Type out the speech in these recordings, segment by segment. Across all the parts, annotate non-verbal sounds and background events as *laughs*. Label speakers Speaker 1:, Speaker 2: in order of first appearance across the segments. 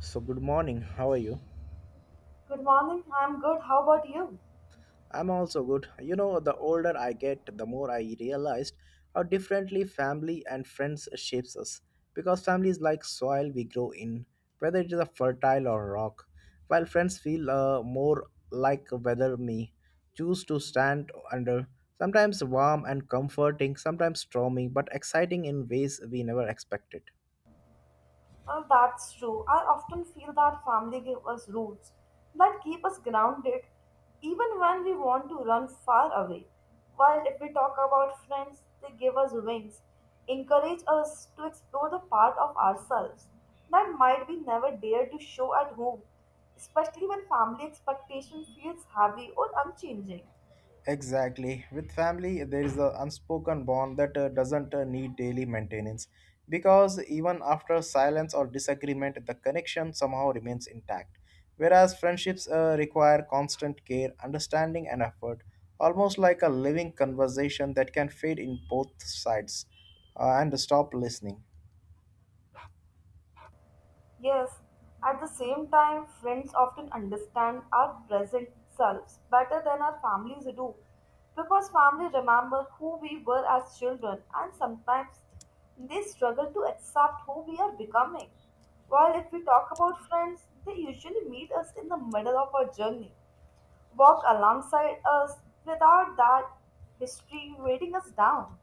Speaker 1: So, good morning. How are you?
Speaker 2: Good morning. I'm good. How about you?
Speaker 1: I'm also good. The older I get, the more I realized how differently family and friends shapes us. Because family is like soil we grow in, whether it is a fertile or rock, while friends feel more like whether me choose to stand under. Sometimes warm and comforting, sometimes stormy, but exciting in ways we never expected.
Speaker 2: Well, that's true. I often feel that family give us roots that keep us grounded even when we want to run far away. While if we talk about friends, they give us wings, encourage us to explore the part of ourselves that might be never dared to show at home, especially when family expectation feels heavy or unchanging.
Speaker 1: Exactly. With family, there is an unspoken bond that doesn't need daily maintenance because even after silence or disagreement, the connection somehow remains intact. Whereas friendships require constant care, understanding, and effort, almost like a living conversation that can fade in both sides and stop listening.
Speaker 2: Yes, at the same time, friends often understand our present selves better than our families do because family remember who we were as children and sometimes they struggle to accept who we are becoming. While if we talk about friends, they usually meet us in the middle of our journey, walk alongside us without that history weighting us down.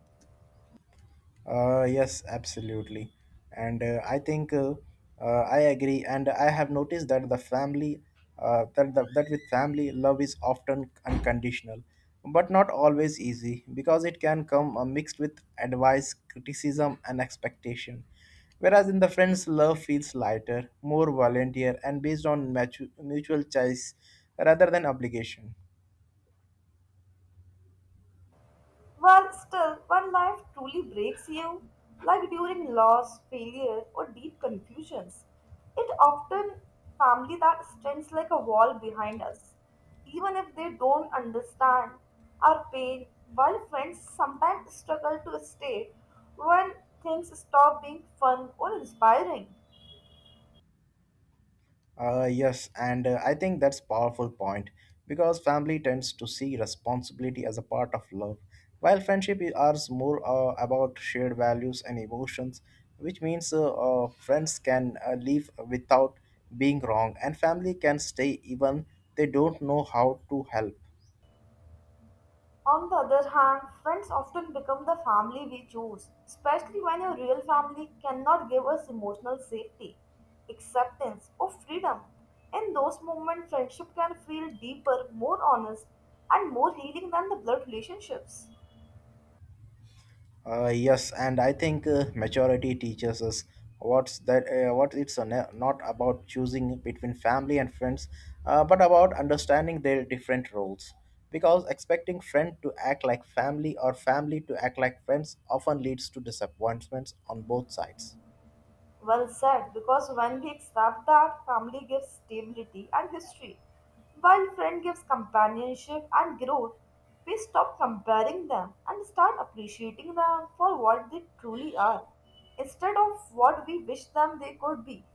Speaker 1: Yes, absolutely. And I think I agree. And I have noticed that the family, that, the, that with family, love is often unconditional, but not always easy because it can come mixed with advice, criticism, and expectation. Whereas in the friends, love feels lighter, more volunteer, and based on mutual choice rather than obligation.
Speaker 2: Well, still, when life truly breaks you, like during loss, failure, or deep confusions, it often family that stands like a wall behind us, even if they don't understand our pain. While friends sometimes struggle to stay when things stop being fun or inspiring.
Speaker 1: Yes, and I think that's powerful point because family tends to see responsibility as a part of love, while friendship is are more about shared values and emotions, which means friends can live without being wrong, and family can stay even they don't know how to help.
Speaker 2: On the other hand, friends often become the family we choose, especially when a real family cannot give us emotional safety, acceptance, or freedom. In those moments, friendship can feel deeper, more honest, and more healing than the blood relationships.
Speaker 1: Yes, and I think maturity teaches us what it's not about choosing between family and friends, but about understanding their different roles. Because expecting friend to act like family or family to act like friends often leads to disappointments on both sides.
Speaker 2: Well said, because when we accept that, family gives stability and history, while friend gives companionship and growth, we stop comparing them and start appreciating them for what they truly are, instead of what we wish them they could be.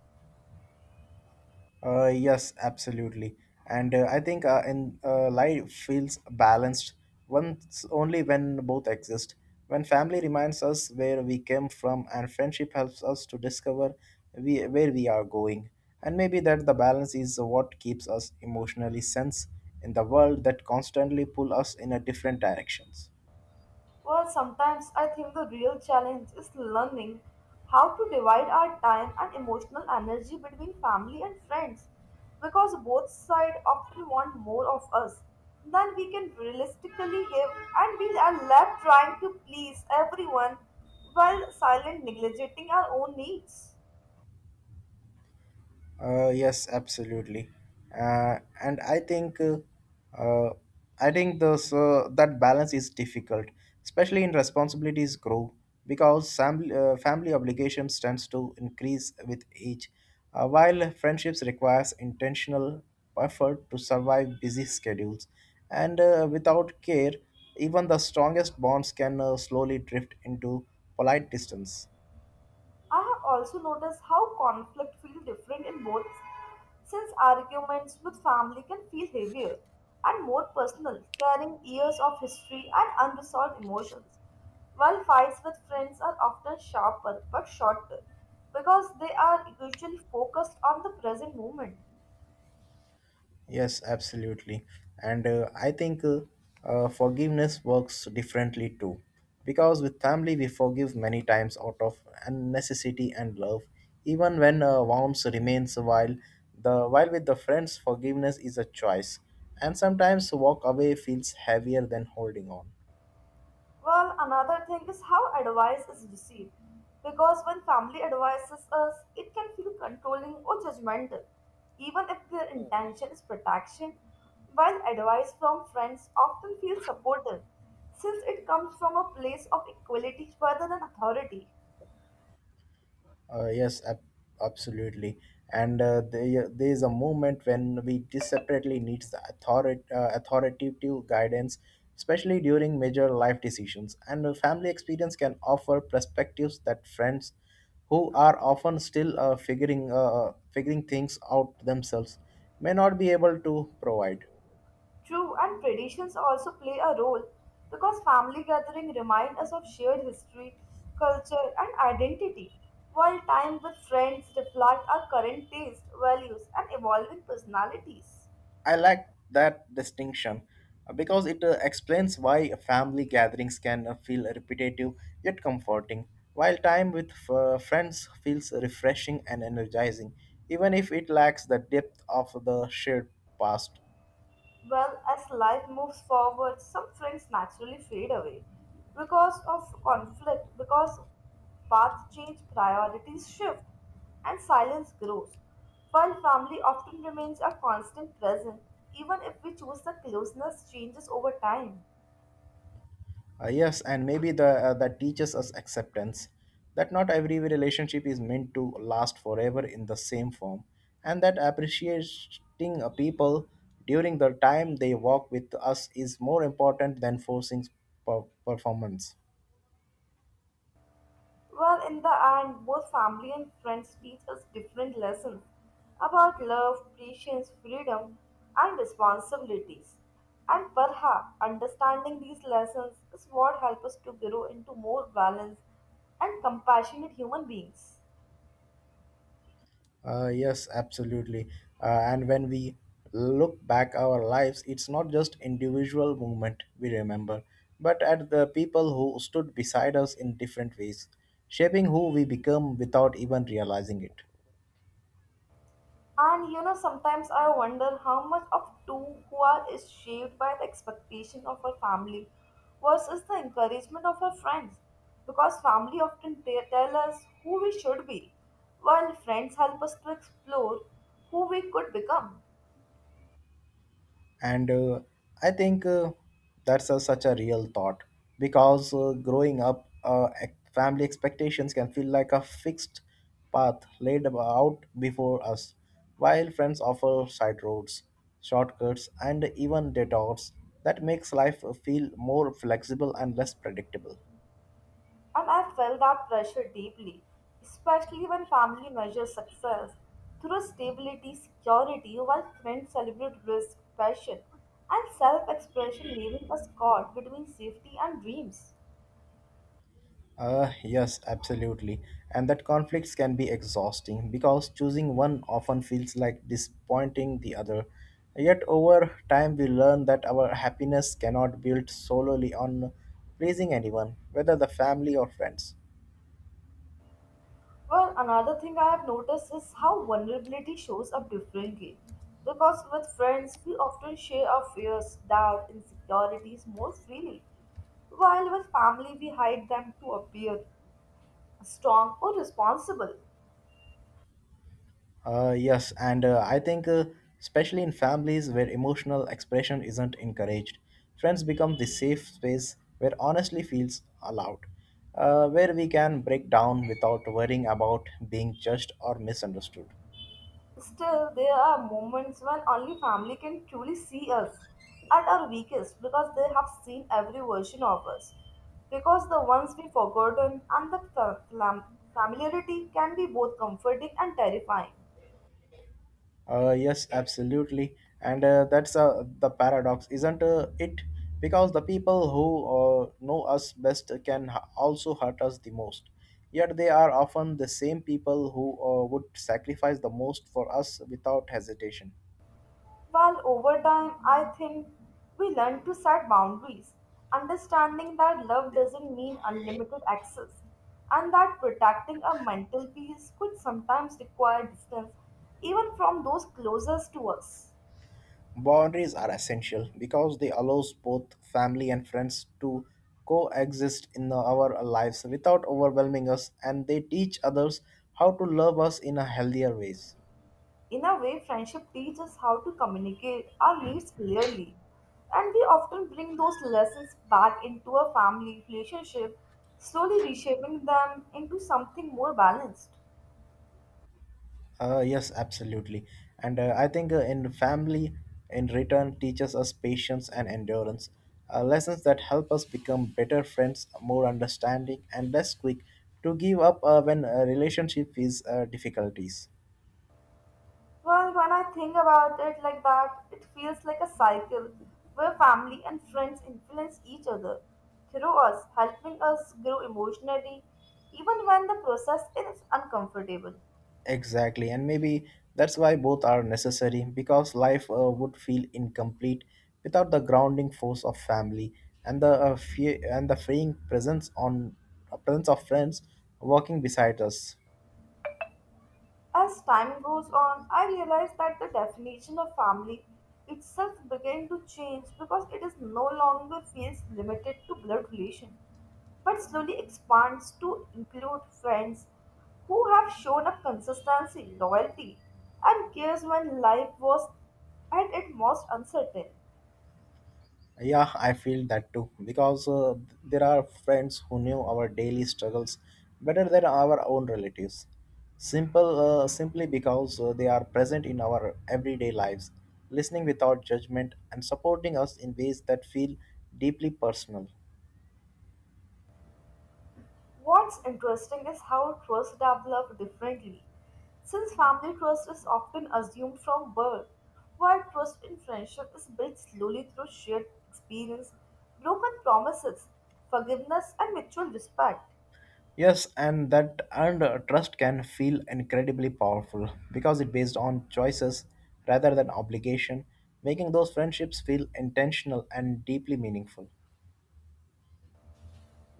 Speaker 1: Yes, absolutely. And I think in life feels balanced once only when both exist. When family reminds us where we came from, and friendship helps us to discover where we are going. And maybe that the balance is what keeps us emotionally sense in the world that constantly pull us in a different directions.
Speaker 2: Well, sometimes I think the real challenge is learning how to divide our time and emotional energy between family and friends because both sides often want more of us than we can realistically give, and we are left trying to please everyone while silently neglecting our own needs.
Speaker 1: Yes, absolutely. And uh, I think those that balance is difficult, especially in responsibilities grow because family obligations tends to increase with age, while friendships requires intentional effort to survive busy schedules, and without care, even the strongest bonds can slowly drift into polite distance.
Speaker 2: I have also noticed how conflict feels different in both, since arguments with family can feel heavier and more personal, carrying years of history and unresolved emotions, while fights with friends are often sharper but shorter because they are usually focused on the present moment.
Speaker 1: Yes, absolutely. And I think forgiveness works differently too. Because with family, we forgive many times out of an necessity and love, even when wounds remains. While with the friends, forgiveness is a choice, and sometimes walk away feels heavier than holding on.
Speaker 2: Well, another thing is how advice is received. Because when family advises us, it can feel controlling or judgmental, even if their intention is protection, while advice from friends often feels supportive, since it comes from a place of equality rather than authority.
Speaker 1: Yes, absolutely. And there is a moment when we separately needs the authoritative guidance, especially during major life decisions. And a family experience can offer perspectives that friends, who are often still figuring things out themselves, may not be able to provide.
Speaker 2: True, and traditions also play a role because family gathering remind us of shared history, culture, and identity, while time with friends reflect our current taste, values, and evolving personalities.
Speaker 1: I like that distinction because it explains why family gatherings can feel repetitive yet comforting, while time with friends feels refreshing and energizing, even if it lacks the depth of the shared past.
Speaker 2: Well, as life moves forward, some friends naturally fade away because of conflict, because paths change, priorities shift, and silence grows. While family often remains a constant present, even if we choose the closeness changes over time.
Speaker 1: Yes, and maybe the that teaches us acceptance that not every relationship is meant to last forever in the same form, and that appreciating a people during the time they walk with us is more important than forcing performance.
Speaker 2: Well, in the end, both family and friends teach us different lessons about love, patience, freedom, and responsibilities. And perhaps understanding these lessons is what helps us to grow into more balanced and compassionate human beings.
Speaker 1: Yes, absolutely. And when we look back our lives, it's not just individual movement we remember, but at the people who stood beside us in different ways, shaping who we become without even realizing it.
Speaker 2: And you know, sometimes I wonder how much of two who are is shaped by the expectation of her family versus the encouragement of her friends. Because family often tell us who we should be, while friends help us to explore who we could become.
Speaker 1: And I think that's such a real thought because growing up family expectations can feel like a fixed path laid out before us while friends offer side roads shortcuts and even detours that makes life feel more flexible and less predictable.
Speaker 2: And I felt that pressure deeply, especially when family measures success through stability, security, while friends celebrate risk, passion, and self expression, leaving us caught between safety and dreams.
Speaker 1: Yes, absolutely. And that conflicts can be exhausting because choosing one often feels like disappointing the other. Yet, over time, we learn that our happiness cannot build solely on pleasing anyone, whether the family or friends.
Speaker 2: Well, another thing I have noticed is how vulnerability shows up differently. Because with friends, we often share our fears, doubt, insecurities more freely, while with family, we hide them to appear strong or responsible.
Speaker 1: Yes, and I think, especially in families where emotional expression isn't encouraged, friends become the safe space where honestly feels allowed, where we can break down without worrying about being judged or misunderstood.
Speaker 2: Still, there are moments when only family can truly see us at our weakest because they have seen every version of us. Because the ones we forgotten and the familiarity can be both comforting and terrifying.
Speaker 1: Yes, absolutely, and that's the paradox, isn't it? Because the people who know us best can also hurt us the most. Yet they are often the same people who would sacrifice the most for us without hesitation.
Speaker 2: While over time, I think we learn to set boundaries, understanding that love doesn't mean unlimited access, and that protecting our mental peace could sometimes require distance even from those closest to us.
Speaker 1: Boundaries are essential because they allows both family and friends to coexist in our lives without overwhelming us, and they teach others how to love us in a healthier ways.
Speaker 2: In a way, friendship teaches us how to communicate our needs clearly, and we often bring those lessons back into our family relationship, slowly reshaping them into something more balanced.
Speaker 1: Yes, absolutely. And I think in family, in return, teaches us patience and endurance, lessons that help us become better friends, more understanding, and less quick to give up when a relationship is difficulties.
Speaker 2: Well, when I think about it like that, it feels like a cycle where family and friends influence each other through us, helping us grow emotionally, even when the process is uncomfortable.
Speaker 1: Exactly, and maybe that's why both are necessary because life would feel incomplete without the grounding force of family and the freeing presence of friends walking beside us.
Speaker 2: As time goes on, I realize that the definition of family itself began to change because it is no longer feels limited to blood relation, but slowly expands to include friends who have shown up consistency, loyalty, and cares when life was at its most uncertain.
Speaker 1: Yeah, I feel that too because there are friends who knew our daily struggles better than our own relatives. Simply because they are present in our everyday lives, listening without judgment and supporting us in ways that feel deeply personal.
Speaker 2: What's interesting is how trust develops differently, since family trust is often assumed from birth, while trust in friendship is built slowly through shared experience, broken promises, forgiveness, and mutual respect.
Speaker 1: Yes, and that earned trust can feel incredibly powerful because it based on choices rather than obligation, making those friendships feel intentional and deeply meaningful.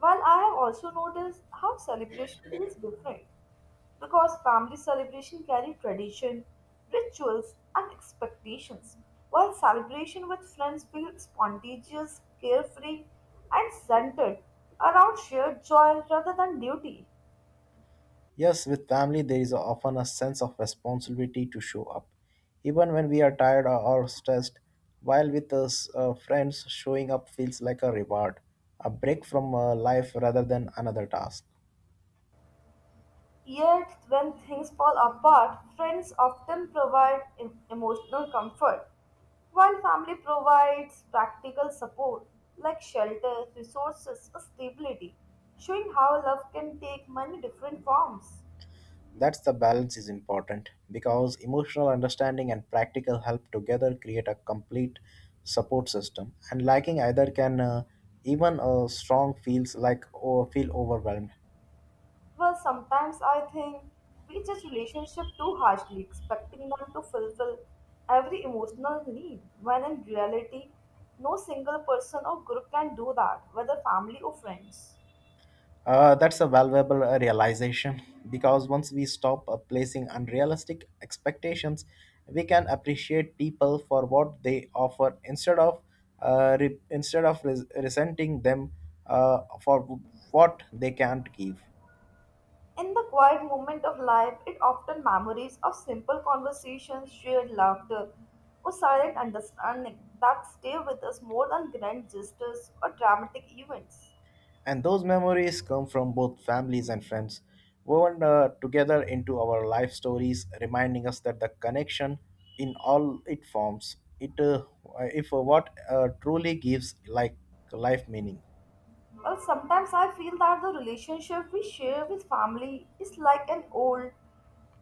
Speaker 2: While I have also noticed how celebration feels different because family celebration carry tradition, rituals, and expectations, while celebration with friends feel spontaneous, carefree, and centered around shared joy rather than duty.
Speaker 1: Yes, with family, there is often a sense of responsibility to show up, even when we are tired or stressed. While with friends, showing up feels like a reward, a break from life rather than another task.
Speaker 2: Yet, when things fall apart, friends often provide emotional comfort, while family provides practical support like shelter, resources, or stability, showing how love can take many different forms.
Speaker 1: That's the balance is important because emotional understanding and practical help together create a complete support system. And lacking either can even strong feels like or feel overwhelmed.
Speaker 2: Well, sometimes I think we judge relationship too harshly, expecting them to fulfill every emotional need, when in reality, no single person or group can do that, whether family or friends.
Speaker 1: That's a valuable realization because once we stop placing unrealistic expectations, we can appreciate people for what they offer instead of resenting them for what they can't give.
Speaker 2: In the quiet moment of life, it often memories of simple conversations, shared laughter, or silent understanding that stay with us more than grand gestures or dramatic events.
Speaker 1: And those memories come from both families and friends, woven together into our life stories, reminding us that the connection in all it forms, it if what truly gives like life meaning.
Speaker 2: Well, sometimes I feel that the relationship we share with family is like an old,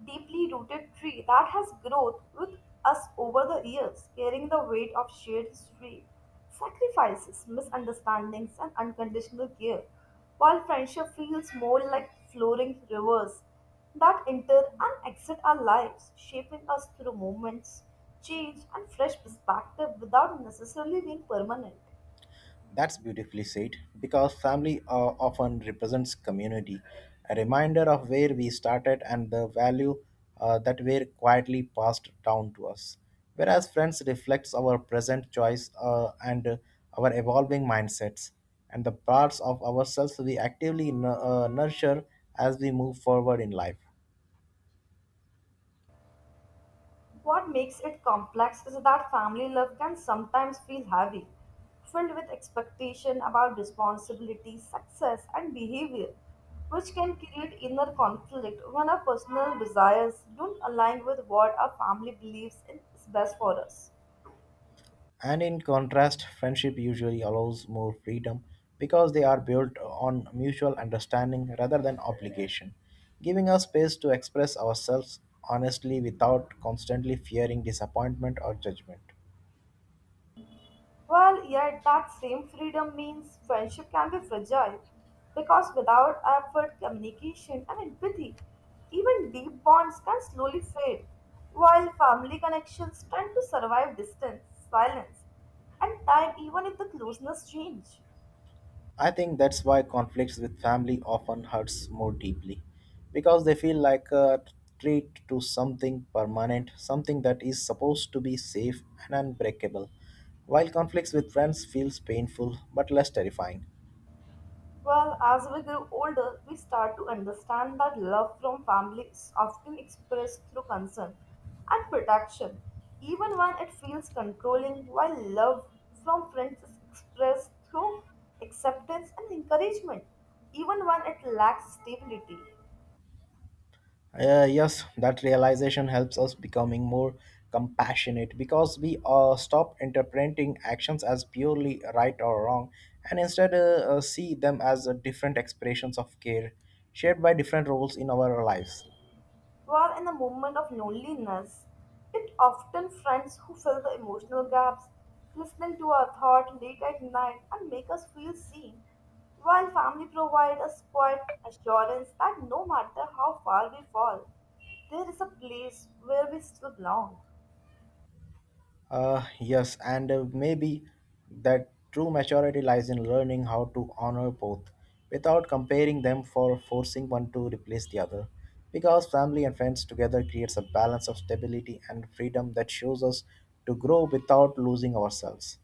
Speaker 2: deeply rooted tree that has grown with us over the years, carrying the weight of shared history, sacrifices, misunderstandings, and unconditional care. While friendship feels more like flowing rivers that enter and exit our lives, shaping us through moments, change, and fresh perspective without necessarily being permanent.
Speaker 1: That's beautifully said because family often represents community, a reminder of where we started and the value that were quietly passed down to us. Whereas friends reflects our present choice and our evolving mindsets and the parts of ourselves we actively nurture as we move forward in life.
Speaker 2: What makes it complex is that family love can sometimes feel heavy, filled with expectation about responsibility, success, and behavior, which can create inner conflict when our personal desires don't align with what our family believes is best for us.
Speaker 1: And in contrast, friendship usually allows more freedom because they are built on mutual understanding rather than obligation, giving us space to express ourselves honestly without constantly fearing disappointment or judgment.
Speaker 2: Well, yet that same freedom means friendship can be fragile because without effort, communication, and empathy, even deep bonds can slowly fade, while family connections tend to survive distance, silence, and time even if the closeness change.
Speaker 1: I think that's why conflicts with family often hurts more deeply because they feel like a treat to something permanent, something that is supposed to be safe and unbreakable, while conflicts with friends feels painful but less terrifying.
Speaker 2: Well, as we grow older, we start to understand that love from family is often expressed through concern and protection, even when it feels controlling, while love from friends is expressed through acceptance and encouragement, even when it lacks stability.
Speaker 1: Yes, that realization helps us becoming more compassionate because we stop interpreting actions as purely right or wrong and instead see them as different expressions of care shared by different roles in our lives.
Speaker 2: While in a moment of loneliness, it often friends who fill the emotional gaps, listening to our thought late at night and make us feel seen, while family provide us quiet assurance that no matter how far we fall, there is a place where we still belong.
Speaker 1: Yes, and maybe that true maturity lies in learning how to honor both without comparing them for forcing one to replace the other. Because family and friends together creates a balance of stability and freedom that shows us to grow without losing ourselves.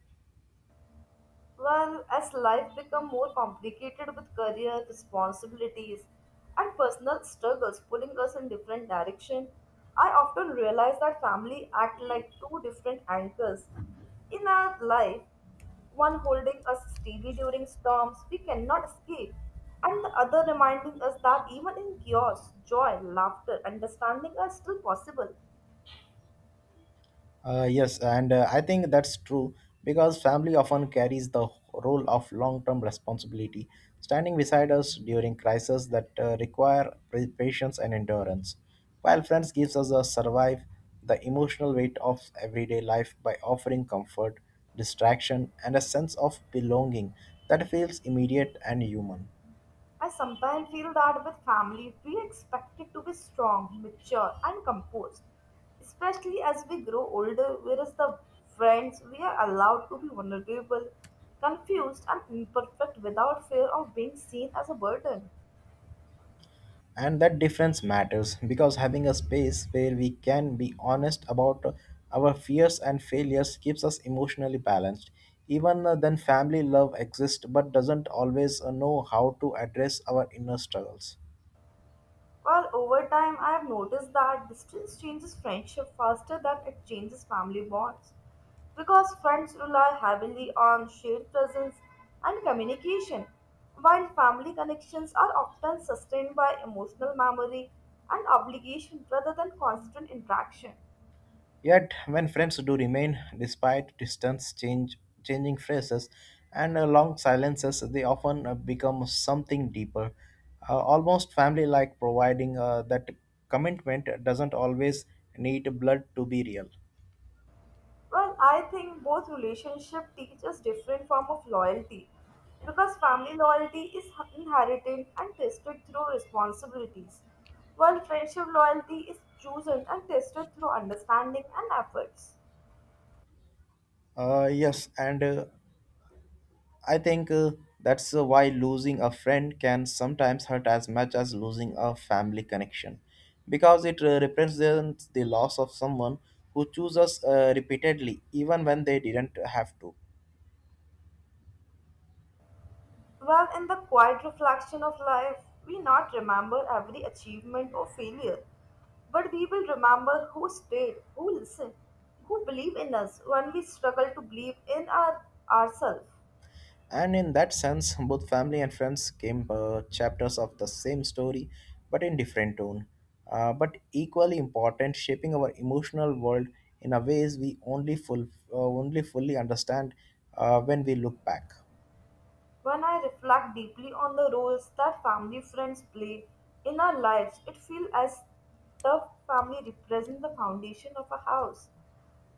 Speaker 2: Well, as life become more complicated with career responsibilities and personal struggles pulling us in different direction, I often realize that family act like two different anchors in our life, one holding us steady during storms we cannot escape, and the other reminding us that even in chaos, joy, laughter, understanding are still possible.
Speaker 1: Yes, and I think that's true because family often carries the role of long-term responsibility, standing beside us during crises that require patience and endurance, while friends gives us a survive the emotional weight of everyday life by offering comfort, distraction, and a sense of belonging that feels immediate and human.
Speaker 2: I sometimes feel that with family, we are expected to be strong, mature, and composed, especially as we grow older, whereas the friends, we are allowed to be vulnerable, confused, and imperfect without fear of being seen as a burden.
Speaker 1: And that difference matters because having a space where we can be honest about our fears and failures keeps us emotionally balanced even then family love exists but doesn't always know how to address our inner struggles.
Speaker 2: Well, over time, I have noticed that distance changes friendship faster than it changes family bonds because friends rely heavily on shared presence and communication, while family connections are often sustained by emotional memory and obligation rather than constant interaction.
Speaker 1: Yet when friends do remain despite distance change changing phrases and long silences they often become something deeper, almost family like providing that commitment doesn't always need blood to be real.
Speaker 2: Well, I think both relationship teaches different form of loyalty because family loyalty is inherited and tested through responsibilities, while friendship loyalty is chosen and tested through understanding and efforts.
Speaker 1: Yes, and I think that's why losing a friend can sometimes hurt as much as losing a family connection, because it represents the loss of someone who chose us repeatedly, even when they didn't have to.
Speaker 2: Well, in the quiet reflection of life, we not remember every achievement or failure, but we will remember who stayed, who listened, who believed in us when we struggle to believe in our ourselves.
Speaker 1: And in that sense, *laughs* both family and friends came chapters of the same story, but in different tone. But equally important, shaping our emotional world in a ways we only only fully understand when we look back.
Speaker 2: When I reflect deeply on the roles that family friends play in our lives, it feels as the family represents the foundation of a house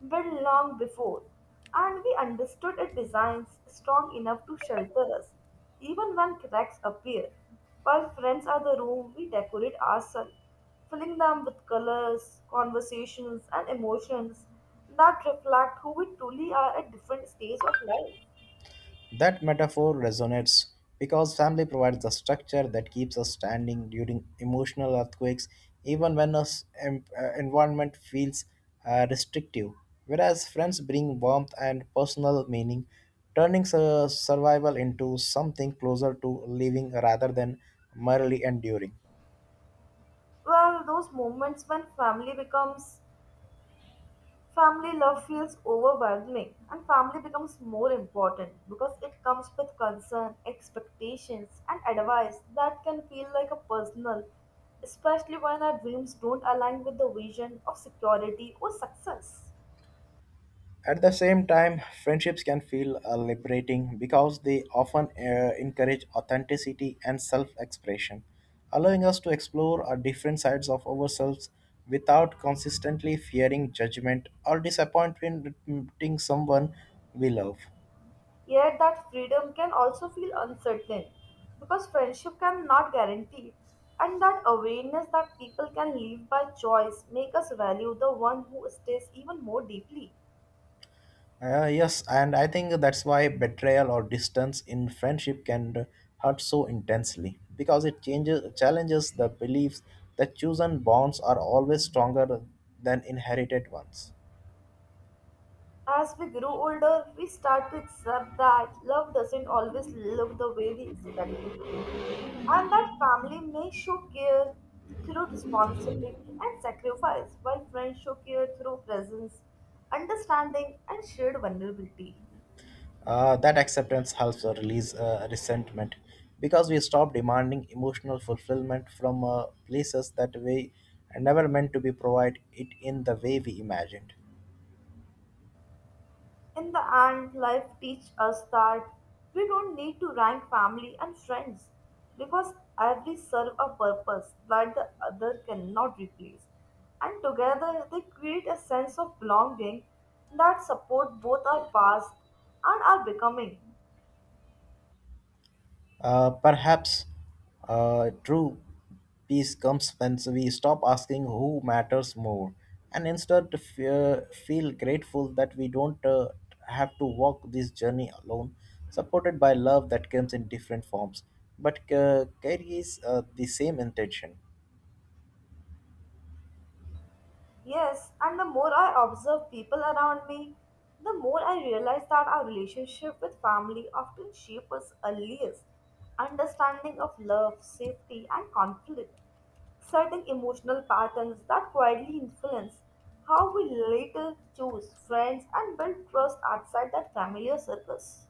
Speaker 2: built long before, and we understood its designs strong enough to shelter us, even when cracks appear. While friends are the room we decorate ourselves, filling them with colors, conversations, and emotions that reflect who we truly are at different stages of life.
Speaker 1: That metaphor resonates because family provides the structure that keeps us standing during emotional earthquakes, even when our environment feels restrictive. Whereas friends bring warmth and personal meaning, turning survival into something closer to living rather than merely enduring.
Speaker 2: Well, those moments when family becomes family love feels overwhelming and family becomes more important because it comes with concern, expectations, and advice that can feel like a personal, especially when our dreams don't align with the vision of security or success.
Speaker 1: At the same time, friendships can feel liberating because they often encourage authenticity and self expression, allowing us to explore our different sides of ourselves without consistently fearing judgment or disappointing someone we love.
Speaker 2: Yet that freedom can also feel uncertain because friendship cannot guarantee. And that awareness that people can live by choice make us value the one who stays even more deeply.
Speaker 1: Yes, and I think that's why betrayal or distance in friendship can hurt so intensely because it changes challenges the beliefs that chosen bonds are always stronger than inherited ones.
Speaker 2: As we grow older, we start to accept that love doesn't always look the way we expect it to. And that family may show care through responsibility and sacrifice, while friends show care through presence, understanding, and shared vulnerability.
Speaker 1: That acceptance helps release resentment because we stop demanding emotional fulfillment from places that we never meant to be provide it in the way we imagined.
Speaker 2: In the end, life teaches us that we don't need to rank family and friends because every serve a purpose that the other cannot replace. And together they create a sense of belonging that support both our past and our becoming.
Speaker 1: Perhaps true peace comes when we stop asking who matters more and instead feel grateful that we don't have to walk this journey alone, supported by love that comes in different forms but carries the same intention.
Speaker 2: Yes, and the more I observe people around me, the more I realize that our relationship with family often shapes us earliest understanding of love, safety, and conflict, certain emotional patterns that quietly influence how we later choose friends and build trust outside that familiar circles.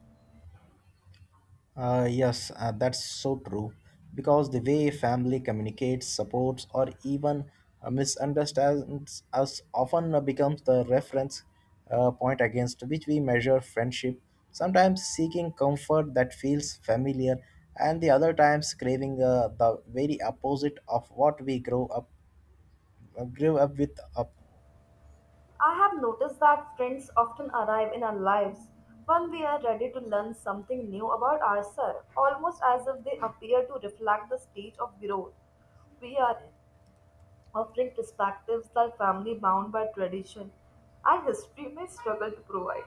Speaker 1: Yes, that's so true. Because the way family communicates, supports, or even misunderstands us often becomes the reference point against which we measure friendship, sometimes seeking comfort that feels familiar, and the other times craving the very opposite of what grew up with. Up.
Speaker 2: I have noticed that friends often arrive in our lives when we are ready to learn something new about ourselves, almost as if they appear to reflect the stage of growth we are in, offering perspectives that family bound by tradition and history may struggle to provide.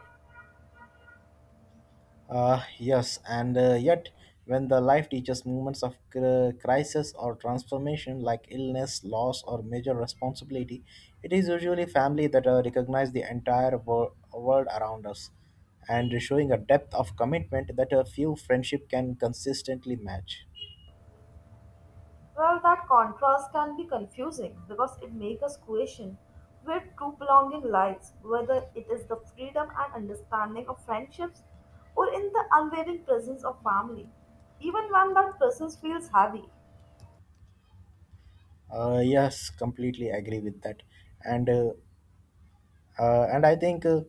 Speaker 1: Yes, and yet, when the life teaches moments of crisis or transformation, like illness, loss, or major responsibility, it is usually family that recognize the entire world around us and showing a depth of commitment that a few friendship can consistently match.
Speaker 2: Well, that contrast can be confusing because it makes us question where true belonging lies, whether it is the freedom and understanding of friendships or in the unwavering presence of family, even when that presence feels heavy.
Speaker 1: Yes, completely agree with that. And uh, and I think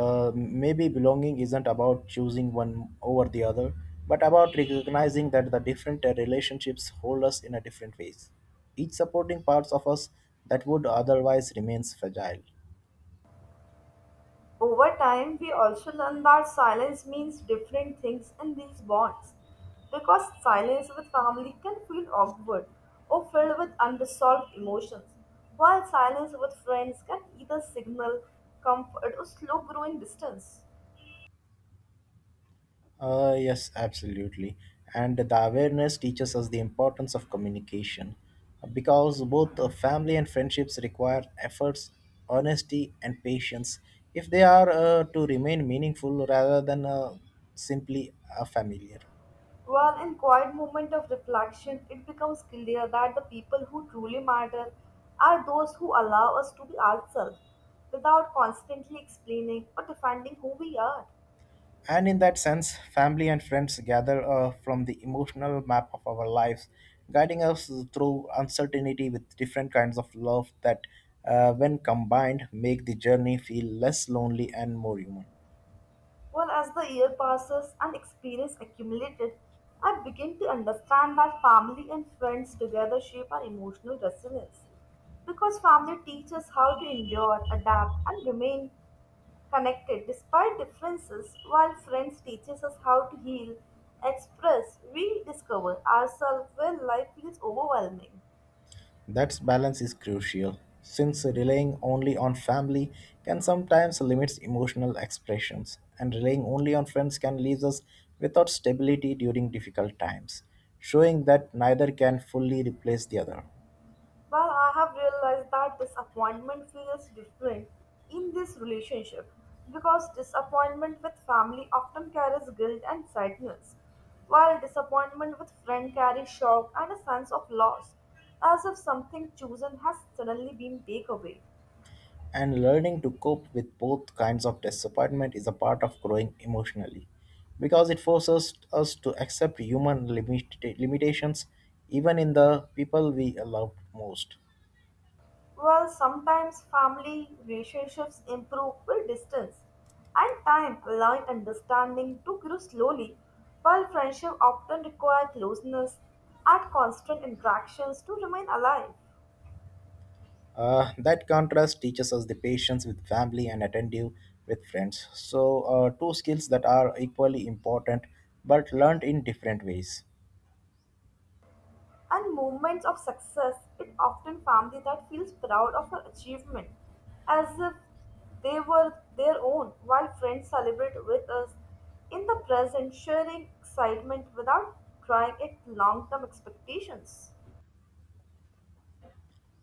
Speaker 1: maybe belonging isn't about choosing one over the other but about recognizing that the different relationships hold us in a different ways, each supporting parts of us that would otherwise remains fragile.
Speaker 2: Over time, we also learn that silence means different things in these bonds because silence with family can feel awkward or filled with unresolved emotions, while silence with friends can either signal comfort or slow growing distance.
Speaker 1: Yes, absolutely. And the awareness teaches us the importance of communication because both family and friendships require efforts, honesty, and patience if they are to remain meaningful rather than simply familiar.
Speaker 2: While in quiet moment of reflection, it becomes clear that the people who truly matter are those who allow us to be ourselves without constantly explaining or defending who we are.
Speaker 1: And in that sense, family and friends gather from the emotional map of our lives, guiding us through uncertainty with different kinds of love that, when combined, make the journey feel less lonely and more human.
Speaker 2: Well, as the year passes and experience accumulated, I begin to understand that family and friends together shape our emotional resilience. Because family teaches us how to endure, adapt, and remain connected despite differences, while friends teaches us how to heal, express, rediscover ourselves when life feels overwhelming.
Speaker 1: That balance is crucial, since relying only on family can sometimes limit emotional expressions, and relying only on friends can leave us without stability during difficult times, showing that neither can fully replace the other.
Speaker 2: Well, I have realized that disappointment feels different in this relationship because disappointment with family often carries guilt and sadness, while disappointment with friend carries shock and a sense of loss, as if something chosen has suddenly been taken away.
Speaker 1: And learning to cope with both kinds of disappointment is a part of growing emotionally, because it forces us to accept human limitations even in the people we love most.
Speaker 2: Well, sometimes family relationships improve with distance and time, allowing understanding to grow slowly, while friendship often require closeness and constant interactions to remain alive.
Speaker 1: That contrast teaches us the patience with family and attentive with friends. So, two skills that are equally important but learned in different ways.
Speaker 2: And moments of success, it often family that feels proud of her achievement, as if they were their own, while friends celebrate with us in the present, sharing excitement without trying it long-term expectations.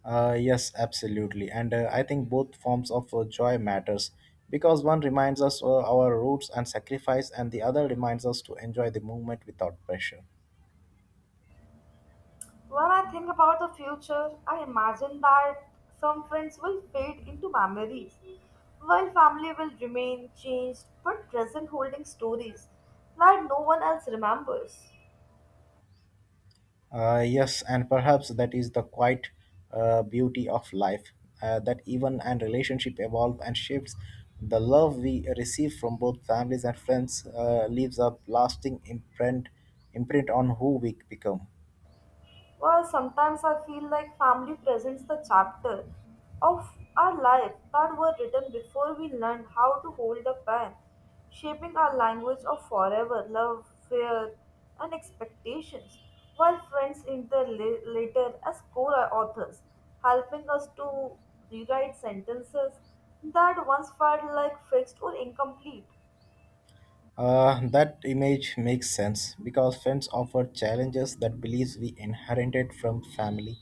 Speaker 1: Yes, absolutely. And I think both forms of joy matters because one reminds us our roots and sacrifice and the other reminds us to enjoy the moment without pressure.
Speaker 2: When I think about the future, I imagine that some friends will fade into memories, while family will remain changed but present holding stories that no one else remembers.
Speaker 1: Yes, and perhaps that is the quiet beauty of life that even and relationship evolve and shifts. The love we receive from both families and friends leaves a lasting imprint on who we become.
Speaker 2: Well, sometimes I feel like family presents the chapter of our life that were written before we learned how to hold the pen, shaping our language of forever love, fear, and expectations, while friends enter later as co-authors, helping us to rewrite sentences that once felt like fixed or incomplete.
Speaker 1: That image makes sense because friends offer challenges that beliefs we inherited from family,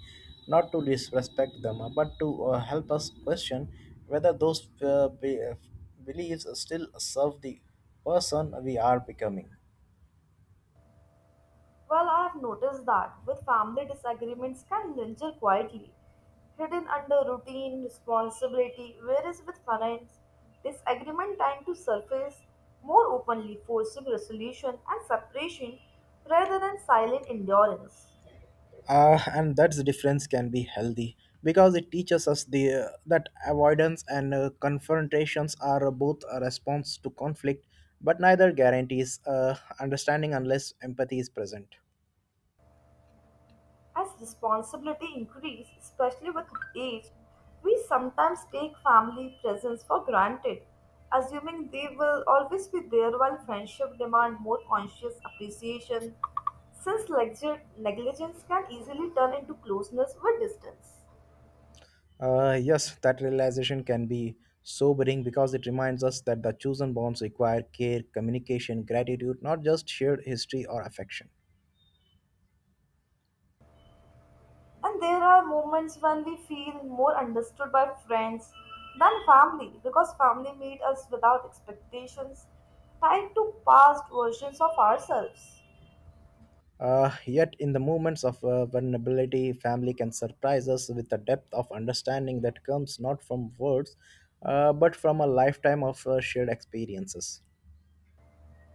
Speaker 1: not to disrespect them, but to help us question whether those beliefs still serve the person we are becoming.
Speaker 2: Well, I've noticed that with family disagreements can linger quietly, hidden under routine responsibility, whereas with finance, disagreement tend to surface more openly, forcing resolution and separation rather than silent endurance.
Speaker 1: And that difference can be healthy because it teaches us the that avoidance and confrontations are both a response to conflict, but neither guarantees understanding unless empathy is present.
Speaker 2: As responsibility increases, especially with age, we sometimes take family presence for granted, assuming they will always be there while friendship demand more conscious appreciation, since negligence can easily turn into closeness with distance.
Speaker 1: Yes, that realization can be sobering because it reminds us that the chosen bonds require care, communication, gratitude, not just shared history or affection.
Speaker 2: And there are moments when we feel more understood by friends than family because family meet us without expectations tied to past versions of ourselves.
Speaker 1: Yet, in the moments of vulnerability, family can surprise us with a depth of understanding that comes not from words, but from a lifetime of shared experiences.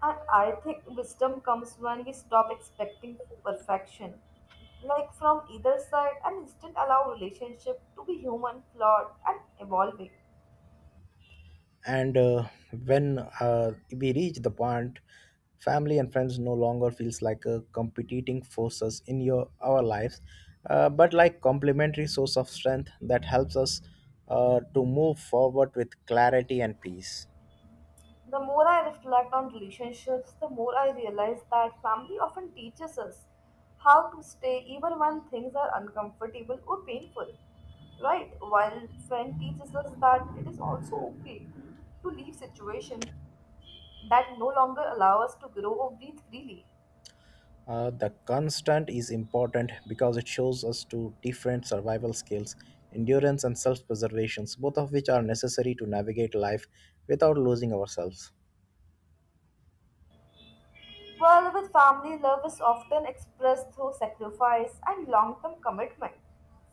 Speaker 2: And I think wisdom comes when we stop expecting perfection, like from either side, and instead allow relationship to be human, flawed, and evolving.
Speaker 1: And when we reach the point family and friends no longer feels like competing forces in your our lives but like complementary source of strength that helps us to move forward with clarity and peace.
Speaker 2: The more I reflect on relationships, the more I realize that family often teaches us how to stay even when things are uncomfortable or painful. Right? While friend teaches us that it is also okay to leave situations that no longer allow us to grow or breathe freely.
Speaker 1: The constant is important because it shows us two different survival skills, endurance and self-preservation, both of which are necessary to navigate life without losing ourselves.
Speaker 2: Well, with family, love is often expressed through sacrifice and long term commitment,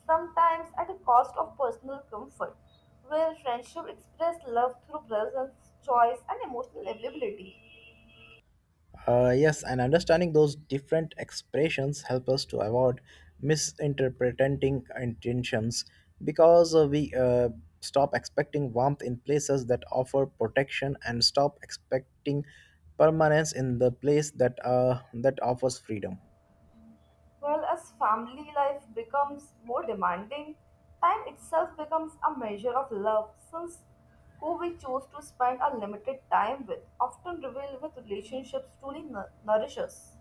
Speaker 2: sometimes at the cost of personal comfort, where friendship expresses love through presence, choice, and emotional availability.
Speaker 1: Yes, and understanding those different expressions help us to avoid misinterpreting intentions because we stop expecting warmth in places that offer protection and stop expecting permanence in the place that offers freedom.
Speaker 2: Well, as family life becomes more demanding, time itself becomes a measure of love since who we choose to spend our limited time with often reveal with relationships truly nourish us.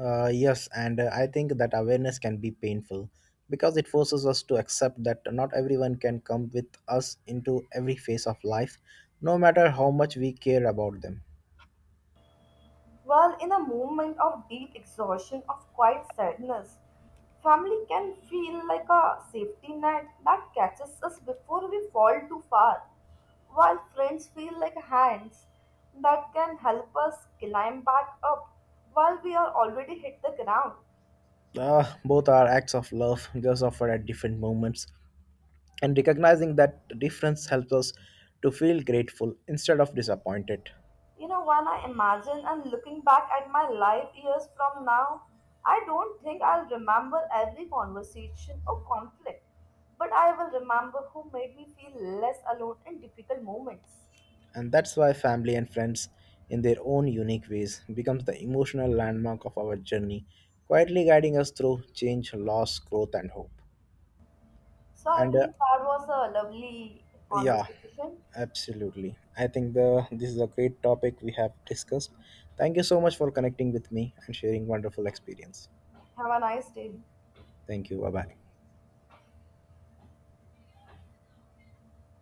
Speaker 1: Yes, and I think that awareness can be painful because it forces us to accept that not everyone can come with us into every phase of life, no matter how much we care about them.
Speaker 2: Well, in a moment of deep exhaustion, of quiet sadness, family can feel like a safety net that catches us before we fall too far, while friends feel like hands that can help us climb back up while we are already hit the ground.
Speaker 1: Both are acts of love, just offered at different moments. And recognizing that difference helps us to feel grateful instead of disappointed.
Speaker 2: You know, when I imagine and looking back at my life years from now, I don't think I'll remember every conversation or conflict, but I will remember who made me feel less alone in difficult moments.
Speaker 1: And that's why family and friends, in their own unique ways, becomes the emotional landmark of our journey, quietly guiding us through change, loss, growth, and hope.
Speaker 2: So I
Speaker 1: And uh,
Speaker 2: believe that was a lovely
Speaker 1: yeah,
Speaker 2: conversation.
Speaker 1: absolutely. I think the this is a great topic we have discussed. Thank you so much for connecting with me and sharing wonderful experience.
Speaker 2: Have a nice day.
Speaker 1: Thank you. Bye bye.